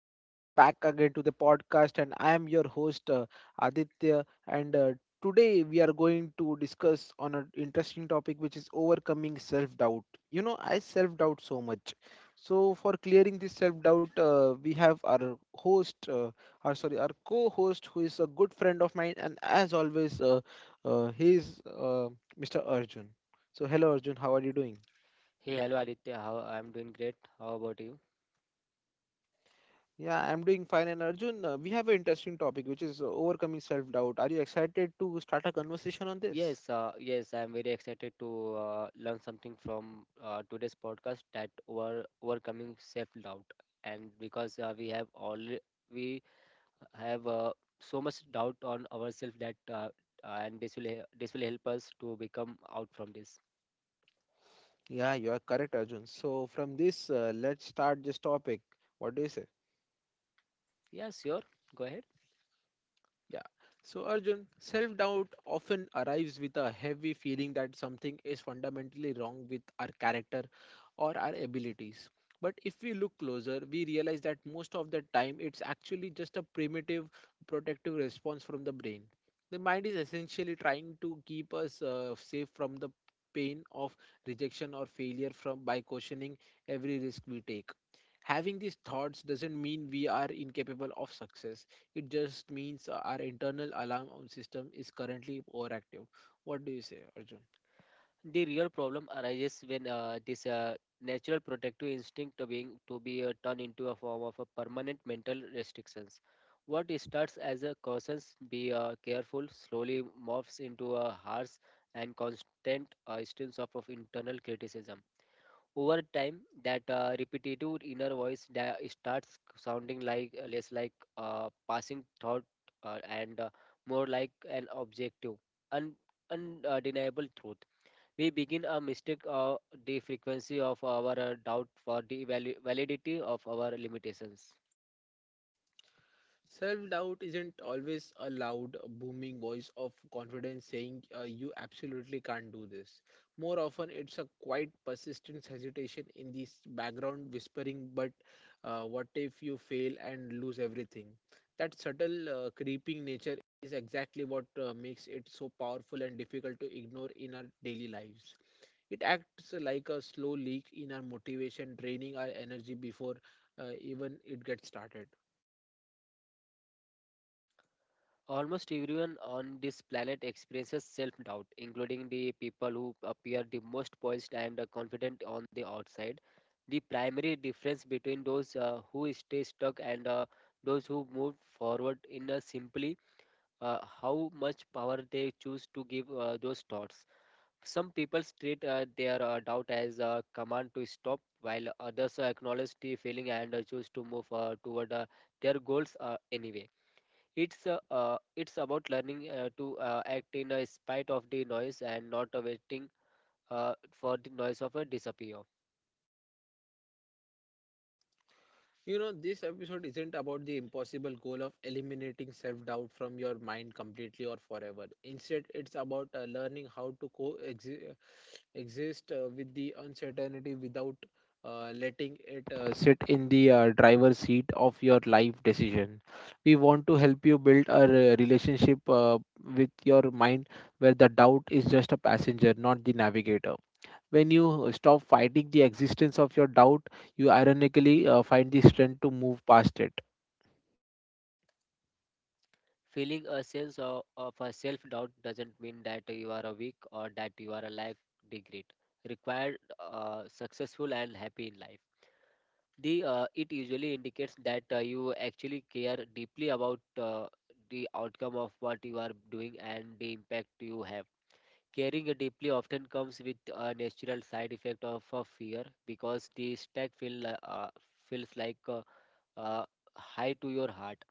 and welcome back again to the podcast. And I am your host, Aditya. And today we are going to discuss on an interesting topic, which is overcoming self-doubt. You know, I self-doubt so much. So, for clearing this self-doubt, we have our sorry, our co-host, who is a good friend of mine, and as always, he is Mr. Arjun. So, hello Arjun, how are you doing? Hey, hello Aditya. How I'm doing great. How about you? Yeah, I'm doing fine. And Arjun, we have an interesting topic, which is overcoming self-doubt. Are you excited to start a conversation on this? Yes, I'm very excited to learn something from today's podcast that overcoming self-doubt, and because we have all we have so much doubt on ourselves that and this this will help us to become out from this. Yeah, you are correct, Arjun. So from this, let's start this topic. What do you say? Yeah, sure. Go ahead. Yeah. So, Arjun, self doubt often arrives with a heavy feeling that something is fundamentally wrong with our character or our abilities. But if we look closer, we realize that most of the time it's actually just a primitive protective response from the brain. The mind is essentially trying to keep us safe from the pain of rejection or failure from by questioning every risk we take. Having these thoughts doesn't mean we are incapable of success. It just means our internal alarm on system is currently overactive. What do you say, Arjun? The real problem arises when this natural protective instinct to be turned into a form of a permanent mental restrictions what starts as a caution be careful slowly morphs into a harsh and constant instance of internal criticism over time that repetitive inner voice that starts sounding like less like a passing thought, and more like an objective un- undeniable truth. We begin a mistake the frequency of our doubt for the validity of our limitations. Self doubt isn't always a loud, booming voice of confidence saying, you absolutely can't do this. More often, it's a quite persistent hesitation in this background whispering, but what if you fail and lose everything? That subtle, creeping nature is exactly what makes it so powerful and difficult to ignore in our daily lives. It acts like a slow leak in our motivation, draining our energy before even it gets started. Almost everyone on this planet experiences self doubt, including the people who appear the most poised and confident on the outside. The primary difference between those who stay stuck and those who move forward in simply how much power they choose to give those thoughts. Some people treat their doubt as a command to stop, while others acknowledge the feeling and choose to move toward their goals anyway. It's about learning to act in spite of the noise and not waiting for the noise of a disappear. You know, this episode isn't about the impossible goal of eliminating self doubt from your mind completely or forever. Instead, it's about learning how to coexist with the uncertainty without letting it sit in the driver's seat of your life decision. We want to help you build a relationship with your mind where the doubt is just a passenger, not the navigator. When you stop fighting the existence of your doubt, you ironically find the strength to move past it. Feeling a sense of a self-doubt doesn't mean that you are a weak or that you are a lack degree. Required successful and happy in life. The It usually indicates that you actually care deeply about the outcome of what you are doing and the impact you have caring deeply often comes with a natural side effect of fear because the stack feel feels like uh, high to your heart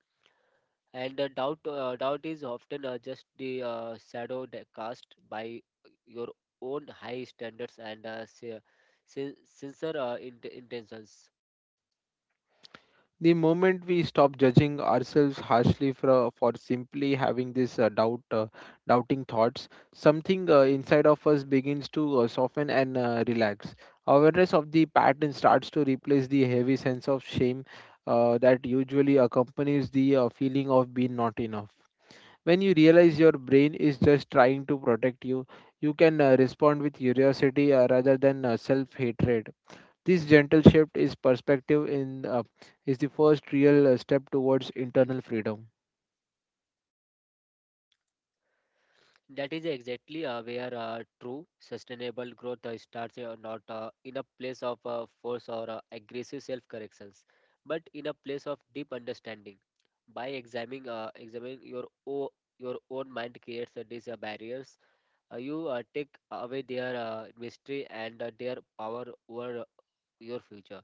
and doubt is often just the shadow that cast by your own high standards and sincere intentions. The moment we stop judging ourselves harshly for simply having this doubting thoughts, something inside of us begins to soften and relax. Awareness of the pattern starts to replace the heavy sense of shame that usually accompanies the feeling of being not enough. When you realize your brain is just trying to protect you can respond with curiosity rather than self hatred. This gentle shift is perspective in is the first real step towards internal freedom. That is exactly where true sustainable growth starts, not in a place of force or aggressive self corrections, but in a place of deep understanding. By examining your own mind creates these barriers. You take away their mystery and their power over your future.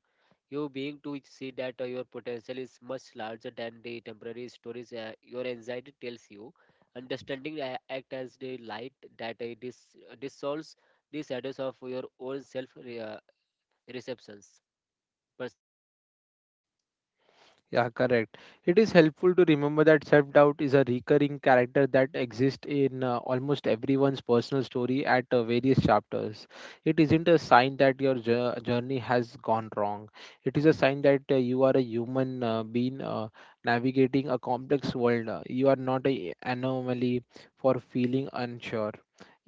You being to see that your potential is much larger than the temporary stories your anxiety tells you. Understanding act as the light that dissolves the shadows of your own receptions. Yeah, correct. It is helpful to remember that self doubt is a recurring character that exists in almost everyone's personal story at various chapters. It isn't a sign that your journey has gone wrong. It is a sign that you are a human being navigating a complex world. You are not an anomaly for feeling unsure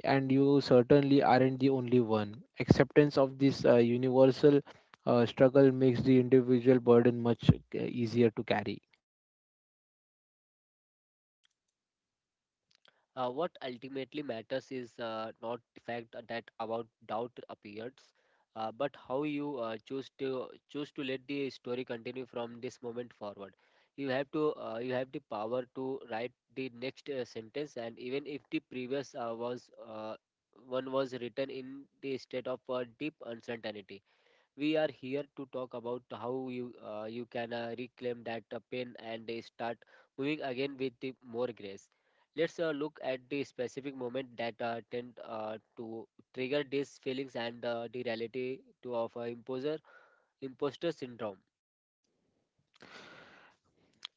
and you certainly aren't the only one. Acceptance of this universal struggle makes the individual burden much easier to carry. What ultimately matters is not the fact that about doubt appears, but how you choose to choose to let the story continue from this moment forward. You have the power to write the next sentence, and even if the previous was one was written in the state of deep uncertainty. We are here to talk about how you can reclaim that pain and start moving again with the more grace. Let's look at the specific moment that tend to trigger these feelings and the reality to of imposer imposter syndrome.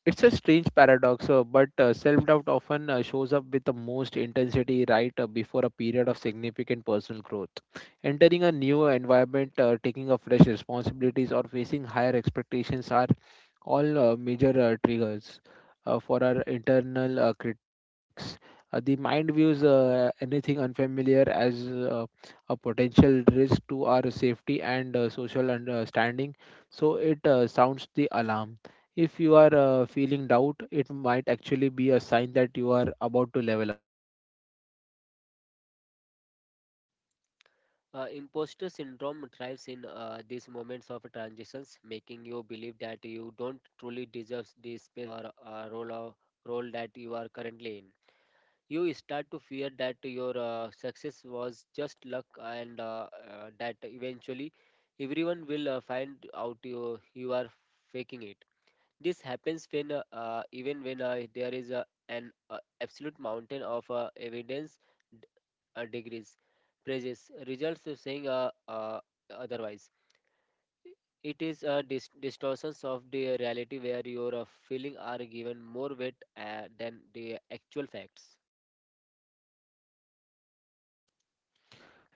It's a strange paradox, but self doubt often shows up with the most intensity right before a period of significant personal growth. Entering a new environment, taking up fresh responsibilities, or facing higher expectations are all major triggers for our internal criticism risks. The mind views anything unfamiliar as a potential risk to our safety and social understanding, so it sounds the alarm. If you are feeling doubt, it might actually be a sign that you are about to level up. Imposter syndrome thrives in these moments of transitions, making you believe that you don't truly deserve the space or role that you are currently in. You start to fear that your success was just luck and that eventually everyone will find out you are faking it. This happens when even when there is an absolute mountain of evidence, d- degrees, praises, results of saying otherwise. It is a distortions of the reality where your feeling are given more weight than the actual facts.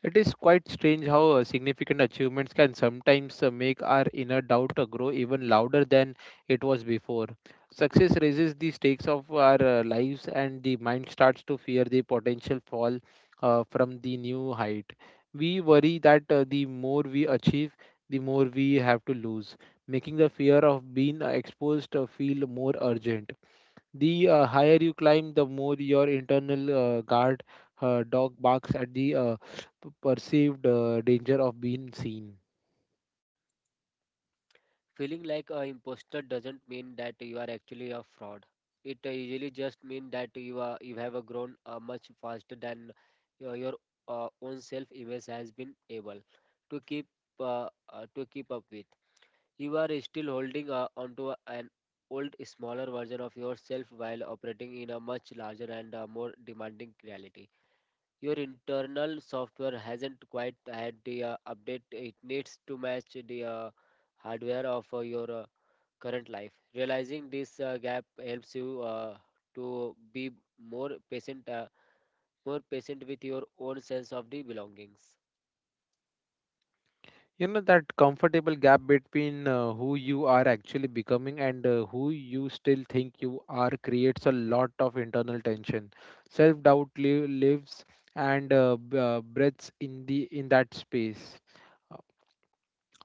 It is quite strange how significant achievements can sometimes make our inner doubt grow even louder than it was before. Success raises the stakes of our lives, and the mind starts to fear the potential fall from the new height. We worry that the more we achieve, the more we have to lose, making the fear of being exposed feel more urgent. The higher you climb, the more your internal guard dog barks at the perceived danger of being seen. Feeling like a imposter doesn't mean that you are actually a fraud. It usually just means that you have grown much faster than your own self-image has been able to keep to keep up with. You are still holding onto an old, smaller version of yourself while operating in a much larger and more demanding reality. Your internal software hasn't quite had the update it needs to match the hardware of your current life. Realizing this gap helps you to be more patient, with your own sense of the belongings. You know, that comfortable gap between who you are actually becoming and who you still think you are creates a lot of internal tension. Self doubt lives and breaths in that space,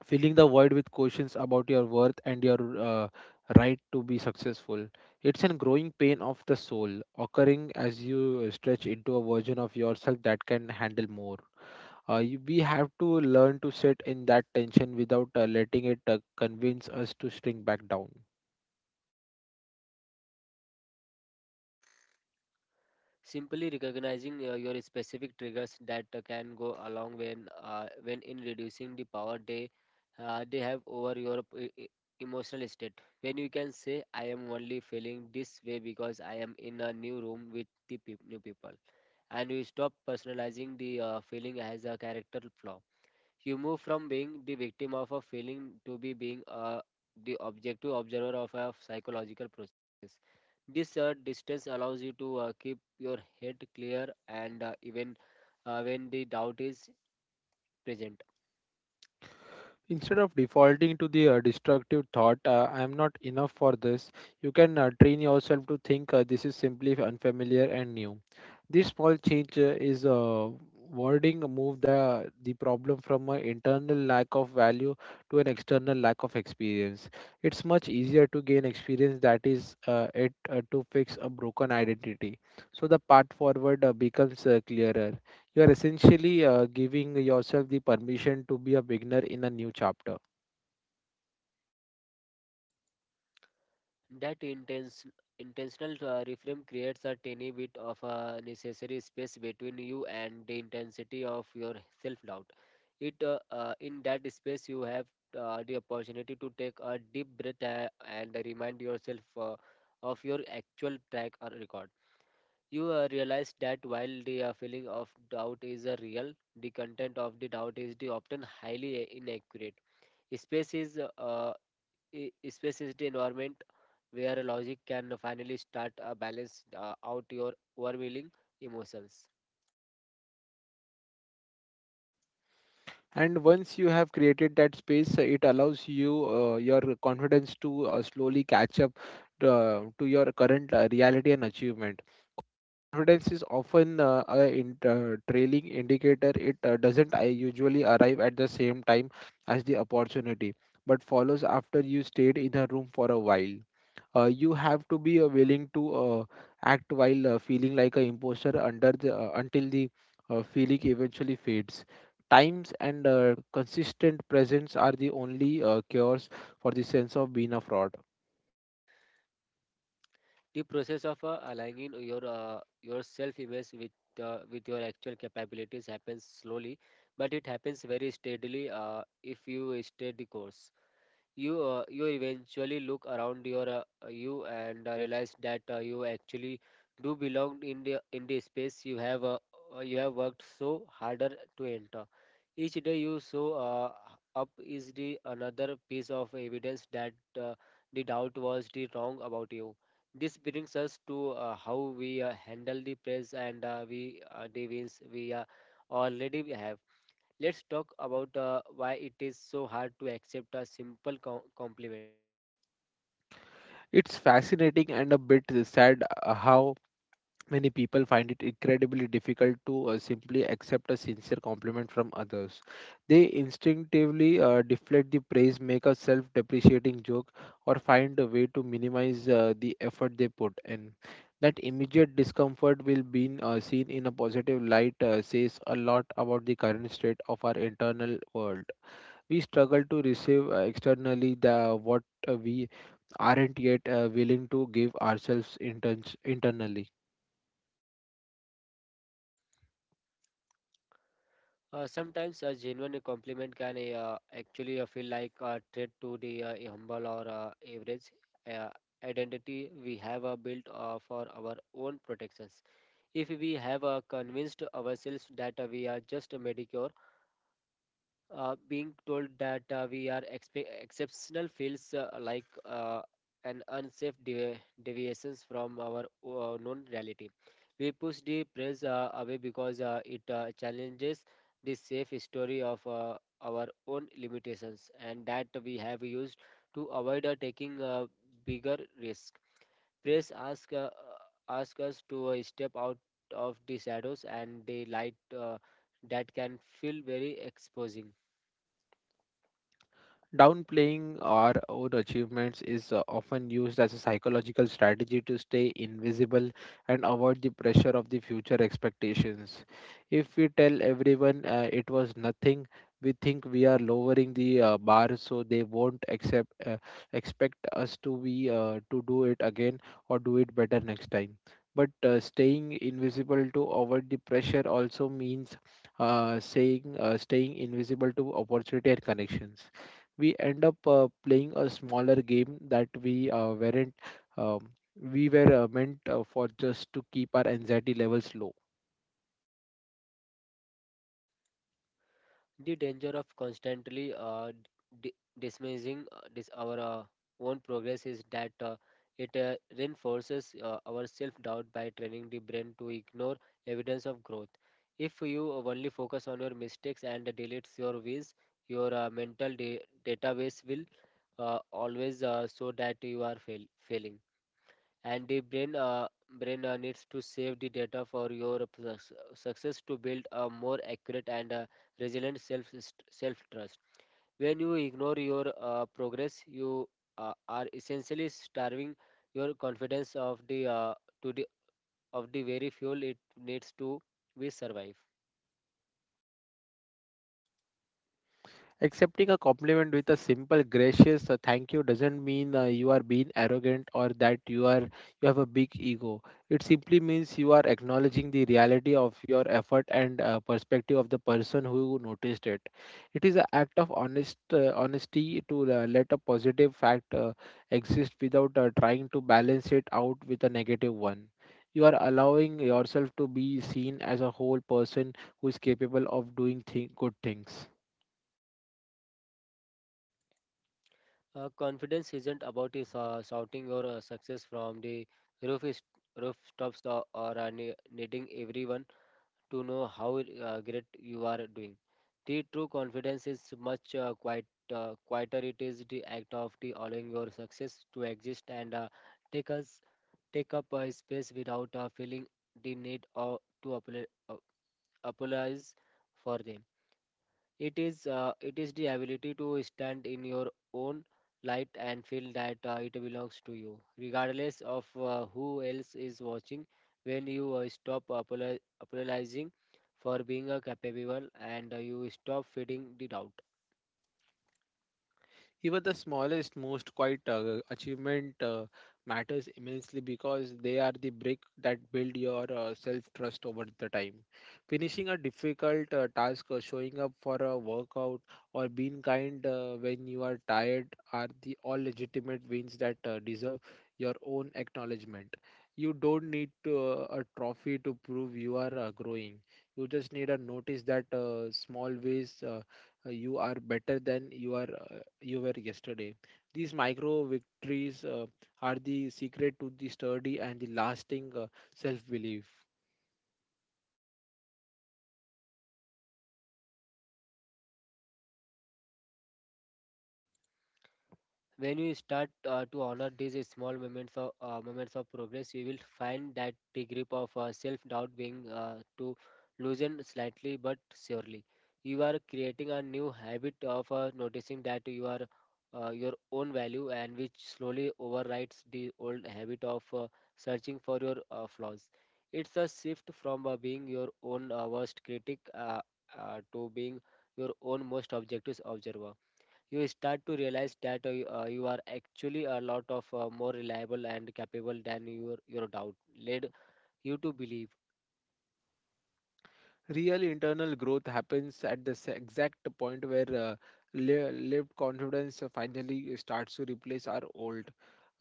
filling the void with questions about your worth and your right to be successful. It's a growing pain of the soul, occurring as you stretch into a version of yourself that can handle more. We have to learn to sit in that tension without letting it convince us to shrink back down. Simply recognizing your specific triggers that can go along when in reducing the power they have over your emotional state. When you can say, "I am only feeling this way because I am in a new room with the peop new people," and you stop personalizing the feeling as a character flaw. You move from being the victim of a feeling to be being the objective observer of a psychological process. This distance allows you to keep your head clear and even when the doubt is present. Instead of defaulting to the destructive thought, I am not enough for this, you can train yourself to think, this is simply unfamiliar and new. This small change is wording move the problem from an internal lack of value to an external lack of experience. It's much easier to gain experience that is it to fix a broken identity. So the path forward becomes clearer. You are essentially giving yourself the permission to be a beginner in a new chapter. That intense, intentional reframe creates a tiny bit of a necessary space between you and the intensity of your self-doubt. It in that space you have the opportunity to take a deep breath and remind yourself of your actual track or record. You realize that while the feeling of doubt is real, the content of the doubt is the often highly inaccurate. Space is uh, Space is the environment where logic can finally start balance out your overwhelming emotions. And once you have created that space, it allows your confidence to slowly catch up to your current reality and achievement. Confidence is often a trailing indicator. It doesn't usually arrive at the same time as the opportunity, but follows after you stayed in a room for a while. You have to be willing to act while feeling like an imposter under the until the feeling eventually fades. Times and consistent presence are the only cures for the sense of being a fraud. The process of aligning your self-image with your actual capabilities happens slowly, but it happens very steadily if you stay the course. You you eventually look around you and realize that you actually do belong in the space you have worked so harder to enter. Each day you show up is the another piece of evidence that uh, the doubt was the wrong about you. This brings us to how we handle the praise and we the wins we already have. Let's talk about why it is so hard to accept a simple compliment. It's fascinating and a bit sad, how many people find it incredibly difficult to simply accept a sincere compliment from others. They instinctively deflect the praise, make a self depreciating joke, or find a way to minimize the effort they put in. That immediate discomfort will be seen in a positive light, says a lot about the current state of our internal world. We struggle to receive externally the what we aren't yet willing to give ourselves internally. Sometimes a genuine compliment can actually feel like a threat to the humble or average uh, identity we have built for our own protections. If we have convinced ourselves that we are just mediocre, being told that we are exceptional feels like an unsafe deviations from our known reality. We push the praise away because it challenges the safe story of our own limitations and that we have used to avoid taking bigger risk. Praise ask Ask us to step out of the shadows and the light, that can feel very exposing. Downplaying our own achievements is often used as a psychological strategy to stay invisible and avoid the pressure of the future expectations. If we tell everyone, it was nothing, we think we are lowering the bar so they won't accept expect us to do it again or do it better next time. But staying invisible to avoid the pressure also means, saying staying invisible to opportunity and connections. We end up playing a smaller game that we weren't um, we were meant for, just to keep our anxiety levels low. The danger of constantly dismissing our own progress is that it reinforces our self doubt by training the brain to ignore evidence of growth. If you only focus on your mistakes and deletes your wins, your database will always show that you are failing, and the brain needs to save the data for your success to build a more accurate and resilient self trust. When you ignore your progress you are essentially starving your confidence of the to the of the very fuel it needs to be survive. Accepting a compliment with a simple, gracious "thank you" doesn't mean you are being arrogant or that you have a big ego. It simply means you are acknowledging the reality of your effort and perspective of the person who noticed it. It is an act of honesty to let a positive fact exist without trying to balance it out with a negative one. You are allowing yourself to be seen as a whole person who is capable of doing good things. Uh, confidence isn't about shouting your success from the roof is, rooftops, or needing everyone to know how great you are doing. The true confidence is much quite quieter. It is the act of the allowing your success to exist and take us take up space without feeling the need or to apologize for them. It is the ability to stand in your own light and feel that it belongs to you, regardless of who else is watching. When you stop apologizing for being a capable, and you stop feeding the doubt. Even the smallest, most quiet achievement matters immensely because they are the brick that build your self trust over the time. Finishing a difficult task, or showing up for a workout, or being kind when you are tired are the all legitimate wins that deserve your own acknowledgement. You don't need a trophy to prove you are growing. You just need a notice that, small ways. You are better than you were yesterday. These micro victories are the secret to the sturdy and the lasting self belief. When you start to honor these small moments of progress, you will find that the grip of self doubt being to loosen slightly but surely. You are creating a new habit of noticing that your own value and which slowly overrides the old habit of searching for your flaws. It's a shift from being your own worst critic to being your own most objective observer. You start to realize that you are actually a lot of more reliable and capable than your doubt led you to believe. Real internal growth happens at the exact point where lived confidence finally starts to replace our old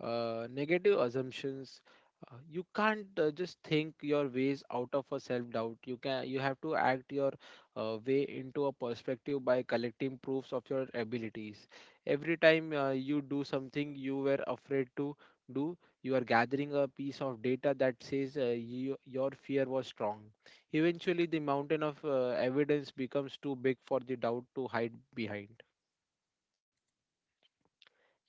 negative assumptions. You can't just think your ways out of a self doubt. You have to act your way into a perspective by collecting proofs of your abilities. Every time you do something you were afraid to do, you are gathering a piece of data that says you, your fear was strong. Eventually, the mountain of evidence becomes too big for the doubt to hide behind.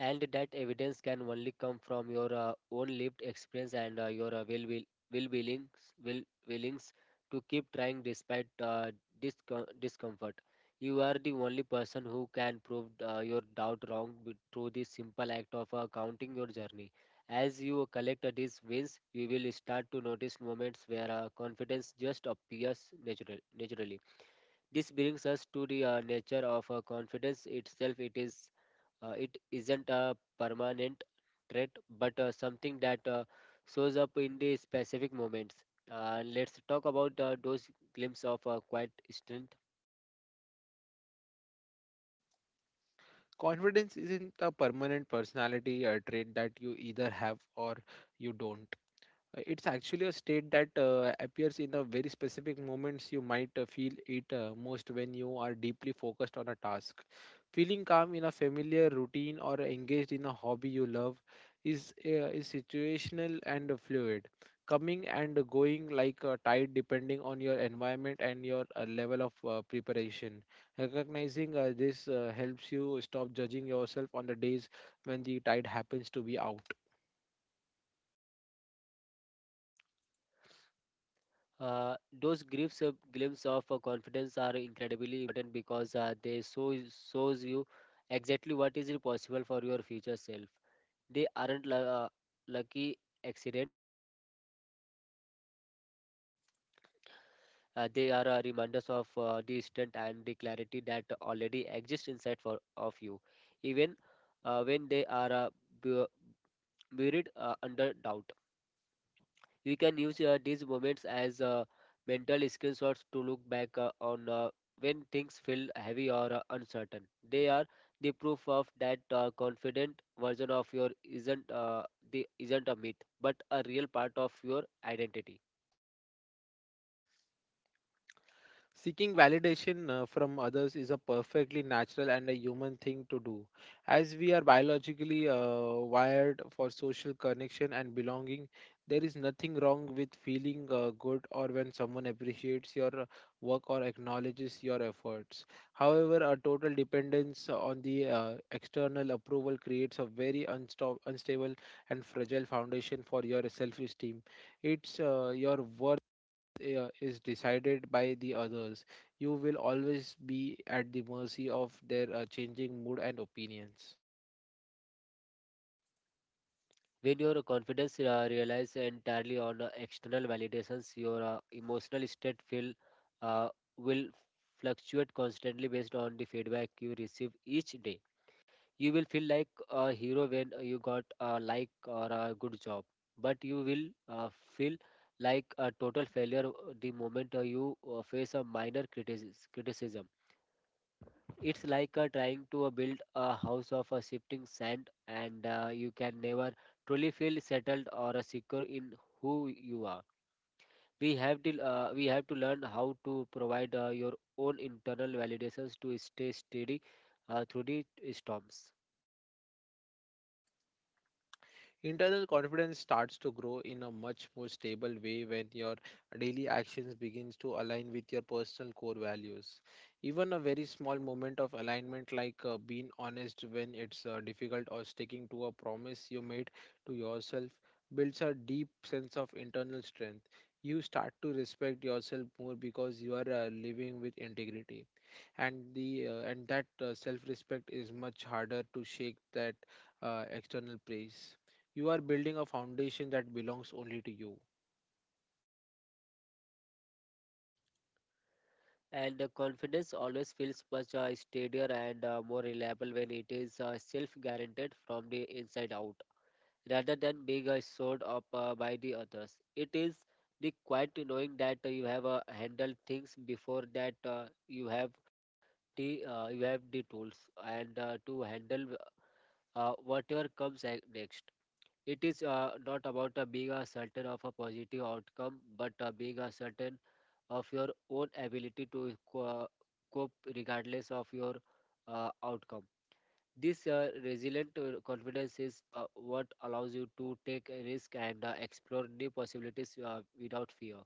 And that evidence can only come from your own lived experience and your will willings to keep trying despite discomfort. You are the only person who can prove your doubt wrong through the simple act of counting your journey. As you collect these wins, you will start to notice moments where confidence just appears naturally. This brings us to the nature of confidence itself. It isn't a permanent trait, but something that shows up in the specific moments. Let's talk about those glimpses of quiet strength. Confidence isn't a permanent personality trait that you either have or you don't. It's actually a state that appears in the very specific moments. You might feel it most when you are deeply focused on a task. Feeling calm in a familiar routine or engaged in a hobby you love is situational and fluid, coming and going like a tide depending on your environment and your level of preparation. Recognizing this helps you stop judging yourself on the days when the tide happens to be out. Those glimpses of confidence are incredibly important because shows you exactly what is possible for your future self. They aren't lucky accidents. They are reminders of the strength and the clarity that already exist inside for, of you, even when they are bu- buried under doubt. You can use these moments as mental screenshots to look back on when things feel heavy or uncertain. They are the proof of that confident version of your isn't a myth, but a real part of your identity. Seeking validation from others is a perfectly natural and a human thing to do. As we are biologically wired for social connection and belonging, there is nothing wrong with feeling good or when someone appreciates your work or acknowledges your efforts. However, a total dependence on the external approval creates a very unstable and fragile foundation for your self esteem. It's your worth is decided by the others, you will always be at the mercy of their changing mood and opinions. When your confidence relies entirely on external validations, your emotional state uh, will fluctuate constantly based on the feedback you receive each day. You will feel like a hero when you got a like or a good job, but you will feel like a total failure the moment you face a minor criticism. It's like trying to build a house of shifting sand, and you can never truly feel settled or secure in who you are. We have to learn how to provide your own internal validations to stay steady through the storms. Internal confidence starts to grow in a much more stable way when your daily actions begins to align with your personal core values. Even a very small moment of alignment like being honest when it's difficult or sticking to a promise you made to yourself builds a deep sense of internal strength. You start to respect yourself more because you are living with integrity and that self-respect is much harder to shake that external praise. You are building a foundation that belongs only to you. And confidence always feels much steadier and more reliable when it is self-guaranteed from the inside out, rather than being showed up by the others. It is the quiet knowing that you have handled things before, that you have the tools and to handle whatever next. It is not about being certain of a positive outcome, but being certain of your own ability to cope regardless of your outcome. This resilient confidence is what allows you to take a risk and explore new possibilities without fear.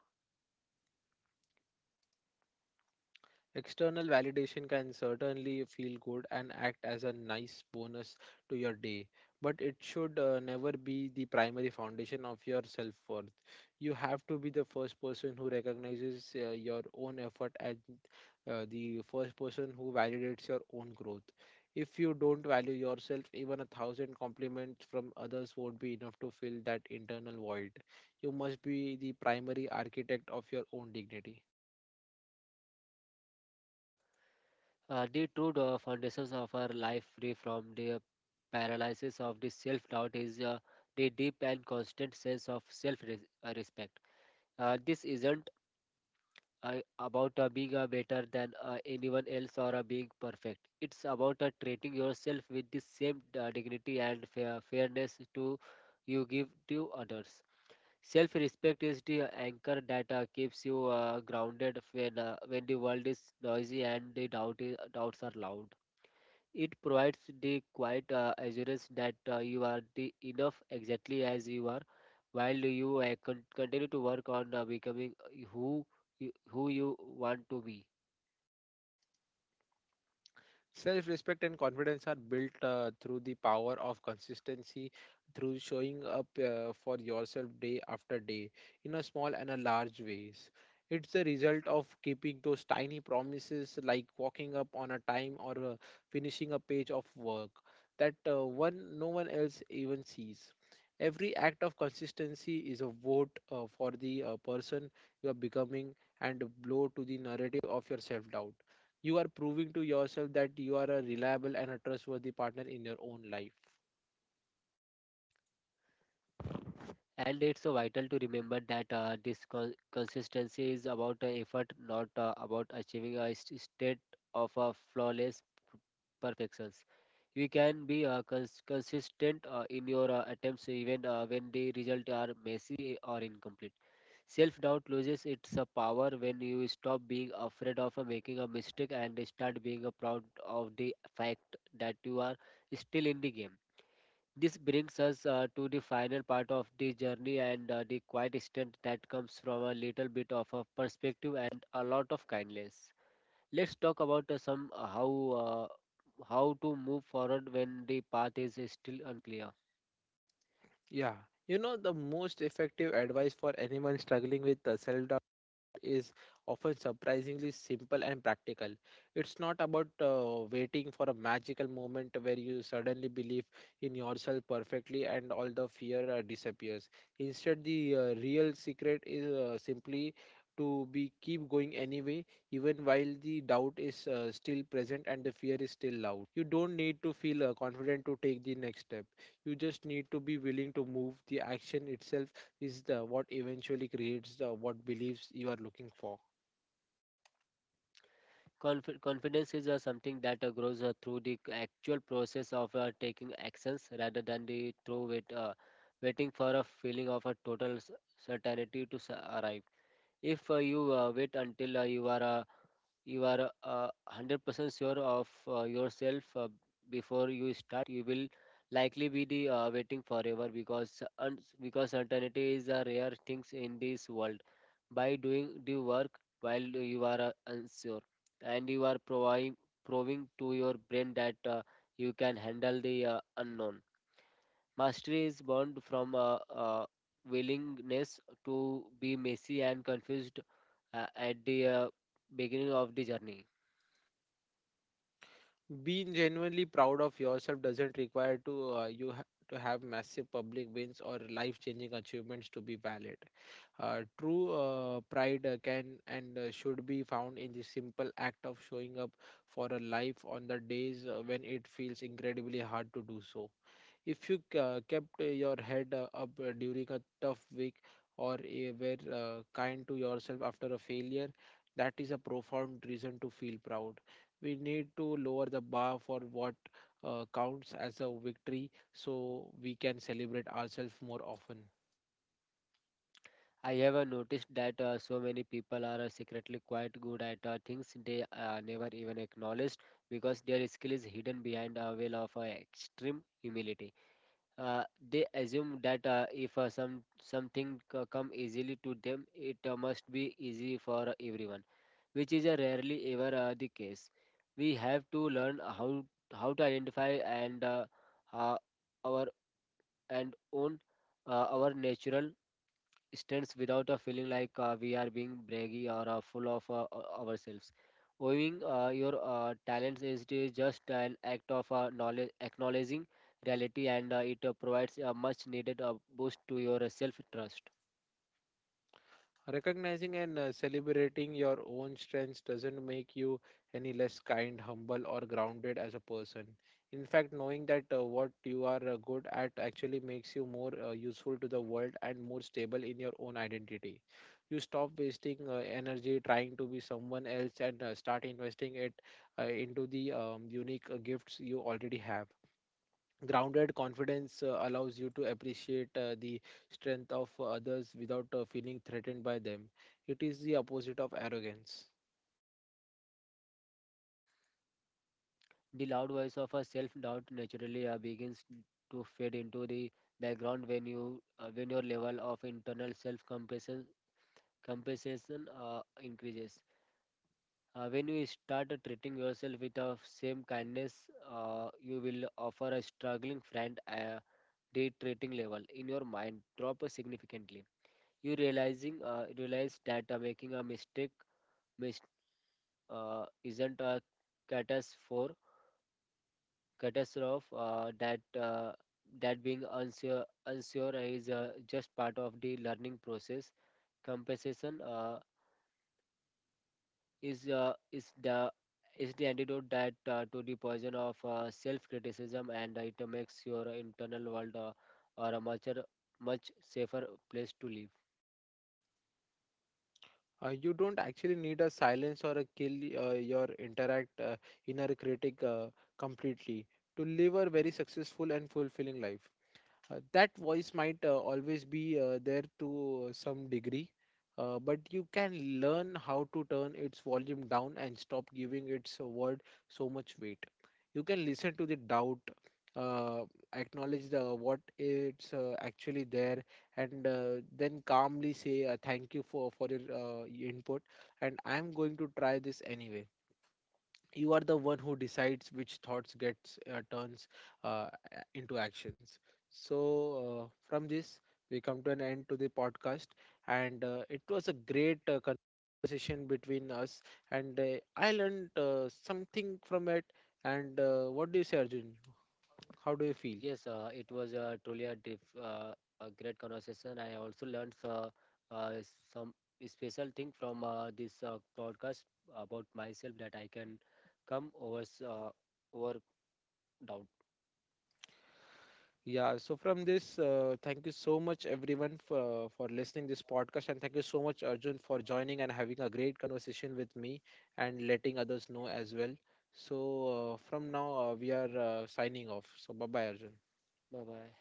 External validation can certainly feel good and act as a nice bonus to your day, but it should never be the primary foundation of your self worth. You have to be the first person who recognizes your own effort and the first person who validates your own growth. If you don't value yourself, even a thousand compliments from others won't be enough to fill that internal void. You must be the primary architect of your own dignity. The true foundations of our life free from the paralysis of the self-doubt is the deep and constant sense of self-respect. This isn't about being better than anyone else or being perfect. It's about treating yourself with the same dignity and fairness to you give to others. Self respect is the anchor that keeps you grounded when the world is noisy and the doubts are loud. It provides the quiet assurance that you are the enough exactly as you are while you continue to work on becoming who you want to be. Self respect and confidence are built through the power of consistency, through showing up for yourself day after day in a small and a large ways. It's the result of keeping those tiny promises like walking up on a time or finishing a page of work that one no one else even sees. Every act of consistency is a vote for the person you are becoming and a blow to the narrative of your self doubt. You are proving to yourself that you are a reliable and a trustworthy partner in your own life. And it's vital to remember that consistency is about effort, not about achieving a state of flawless perfection. You can be consistent in your attempts even when the results are messy or incomplete. Self doubt loses its power when you stop being afraid of making a mistake and start being proud of the fact that you are still in the game. This brings us to the final part of the journey and the quiet strength that comes from a little bit of a perspective and a lot of kindness. Let's talk about some uh, how to move forward when the path is still unclear. Yeah. You know, the most effective advice for anyone struggling with self is often surprisingly simple and practical. It's not about waiting for a magical moment where you suddenly believe in yourself perfectly and all the fear disappears. Instead, the real secret is simply to be keep going anyway, even while the doubt is still present and the fear is still loud. You don't need to feel confident to take the next step. You just need to be willing to move. The action itself is the what eventually creates the what beliefs you are looking for. Confidence is something that grows through the actual process of taking actions rather than the through wait, waiting for a feeling of a total certainty to arrive. If you wait until you are 100% sure of yourself before you start, you will likely be the waiting forever, because because certainty is a rare thing in this world. By doing the work while you are unsure, and you are proving to your brain that you can handle the unknown. Mastery is born from a willingness to be messy and confused at the beginning of the journey. Being genuinely proud of yourself doesn't require to to have massive public wins or life-changing achievements to be valid. True pride can and should be found in the simple act of showing up for a life on the days when it feels incredibly hard to do so. If you kept your head up during a tough week or were kind to yourself after a failure, that is a profound reason to feel proud. We need to lower the bar for what counts as a victory so we can celebrate ourselves more often. I ever noticed that so many people are secretly quite good at things they never even acknowledged, because their skill is hidden behind a veil of extreme humility. Uh, they assume that if something come easily to them, it must be easy for everyone, which is rarely ever the case. We have to learn how to identify and uh, uh, our and own our natural stands without a feeling like we are being braggy or full of ourselves. Owning your talents is to just an act of acknowledging reality, and it provides a much needed boost to your self trust. Recognizing and celebrating your own strengths doesn't make you any less kind, humble, or grounded as a person. In fact, knowing that what you are good at actually makes you more useful to the world and more stable in your own identity. You stop wasting energy trying to be someone else and start investing it into the unique gifts you already have. Grounded confidence allows you to appreciate the strength of others without feeling threatened by them. It is the opposite of arrogance. The loud voice of a self doubt naturally begins to fade into the background when you when your level of internal self compassion compensation increases. When you start treating yourself with the same kindness you will offer a struggling friend, a day treating level in your mind drop significantly. You realizing realize that making a mistake mis- isn't a catastrophe catastrophe that being unsure is just part of the learning process. Compensation is uh, is the is the antidote that to the poison of self-criticism, and it makes your internal world or a much much safer place to live. Uh, you don't actually need a silence or a kill your interact inner critic completely to live a very successful and fulfilling life. Uh, that voice might always be there to some degree, but you can learn how to turn its volume down and stop giving its word so much weight. You can listen to the doubt, uh, acknowledge the what it's actually there, and then calmly say, thank you for your input, and I'm going to try this anyway. You are the one who decides which thoughts gets turns uh, into actions. So, uh, from this, we come to an end to the podcast, and it was a great conversation between us, and I learned something from it. And what do you say, Arjun? How do you feel? Yes, it was truly a great conversation. I also learned uh, some special thing from this podcast about myself, that I can come over doubt. Yeah, so from this, thank you so much everyone for, listening this podcast, and thank you so much Arjun for joining and having a great conversation with me and letting others know as well. So from now we are signing off. So bye bye, Arjun. Bye bye.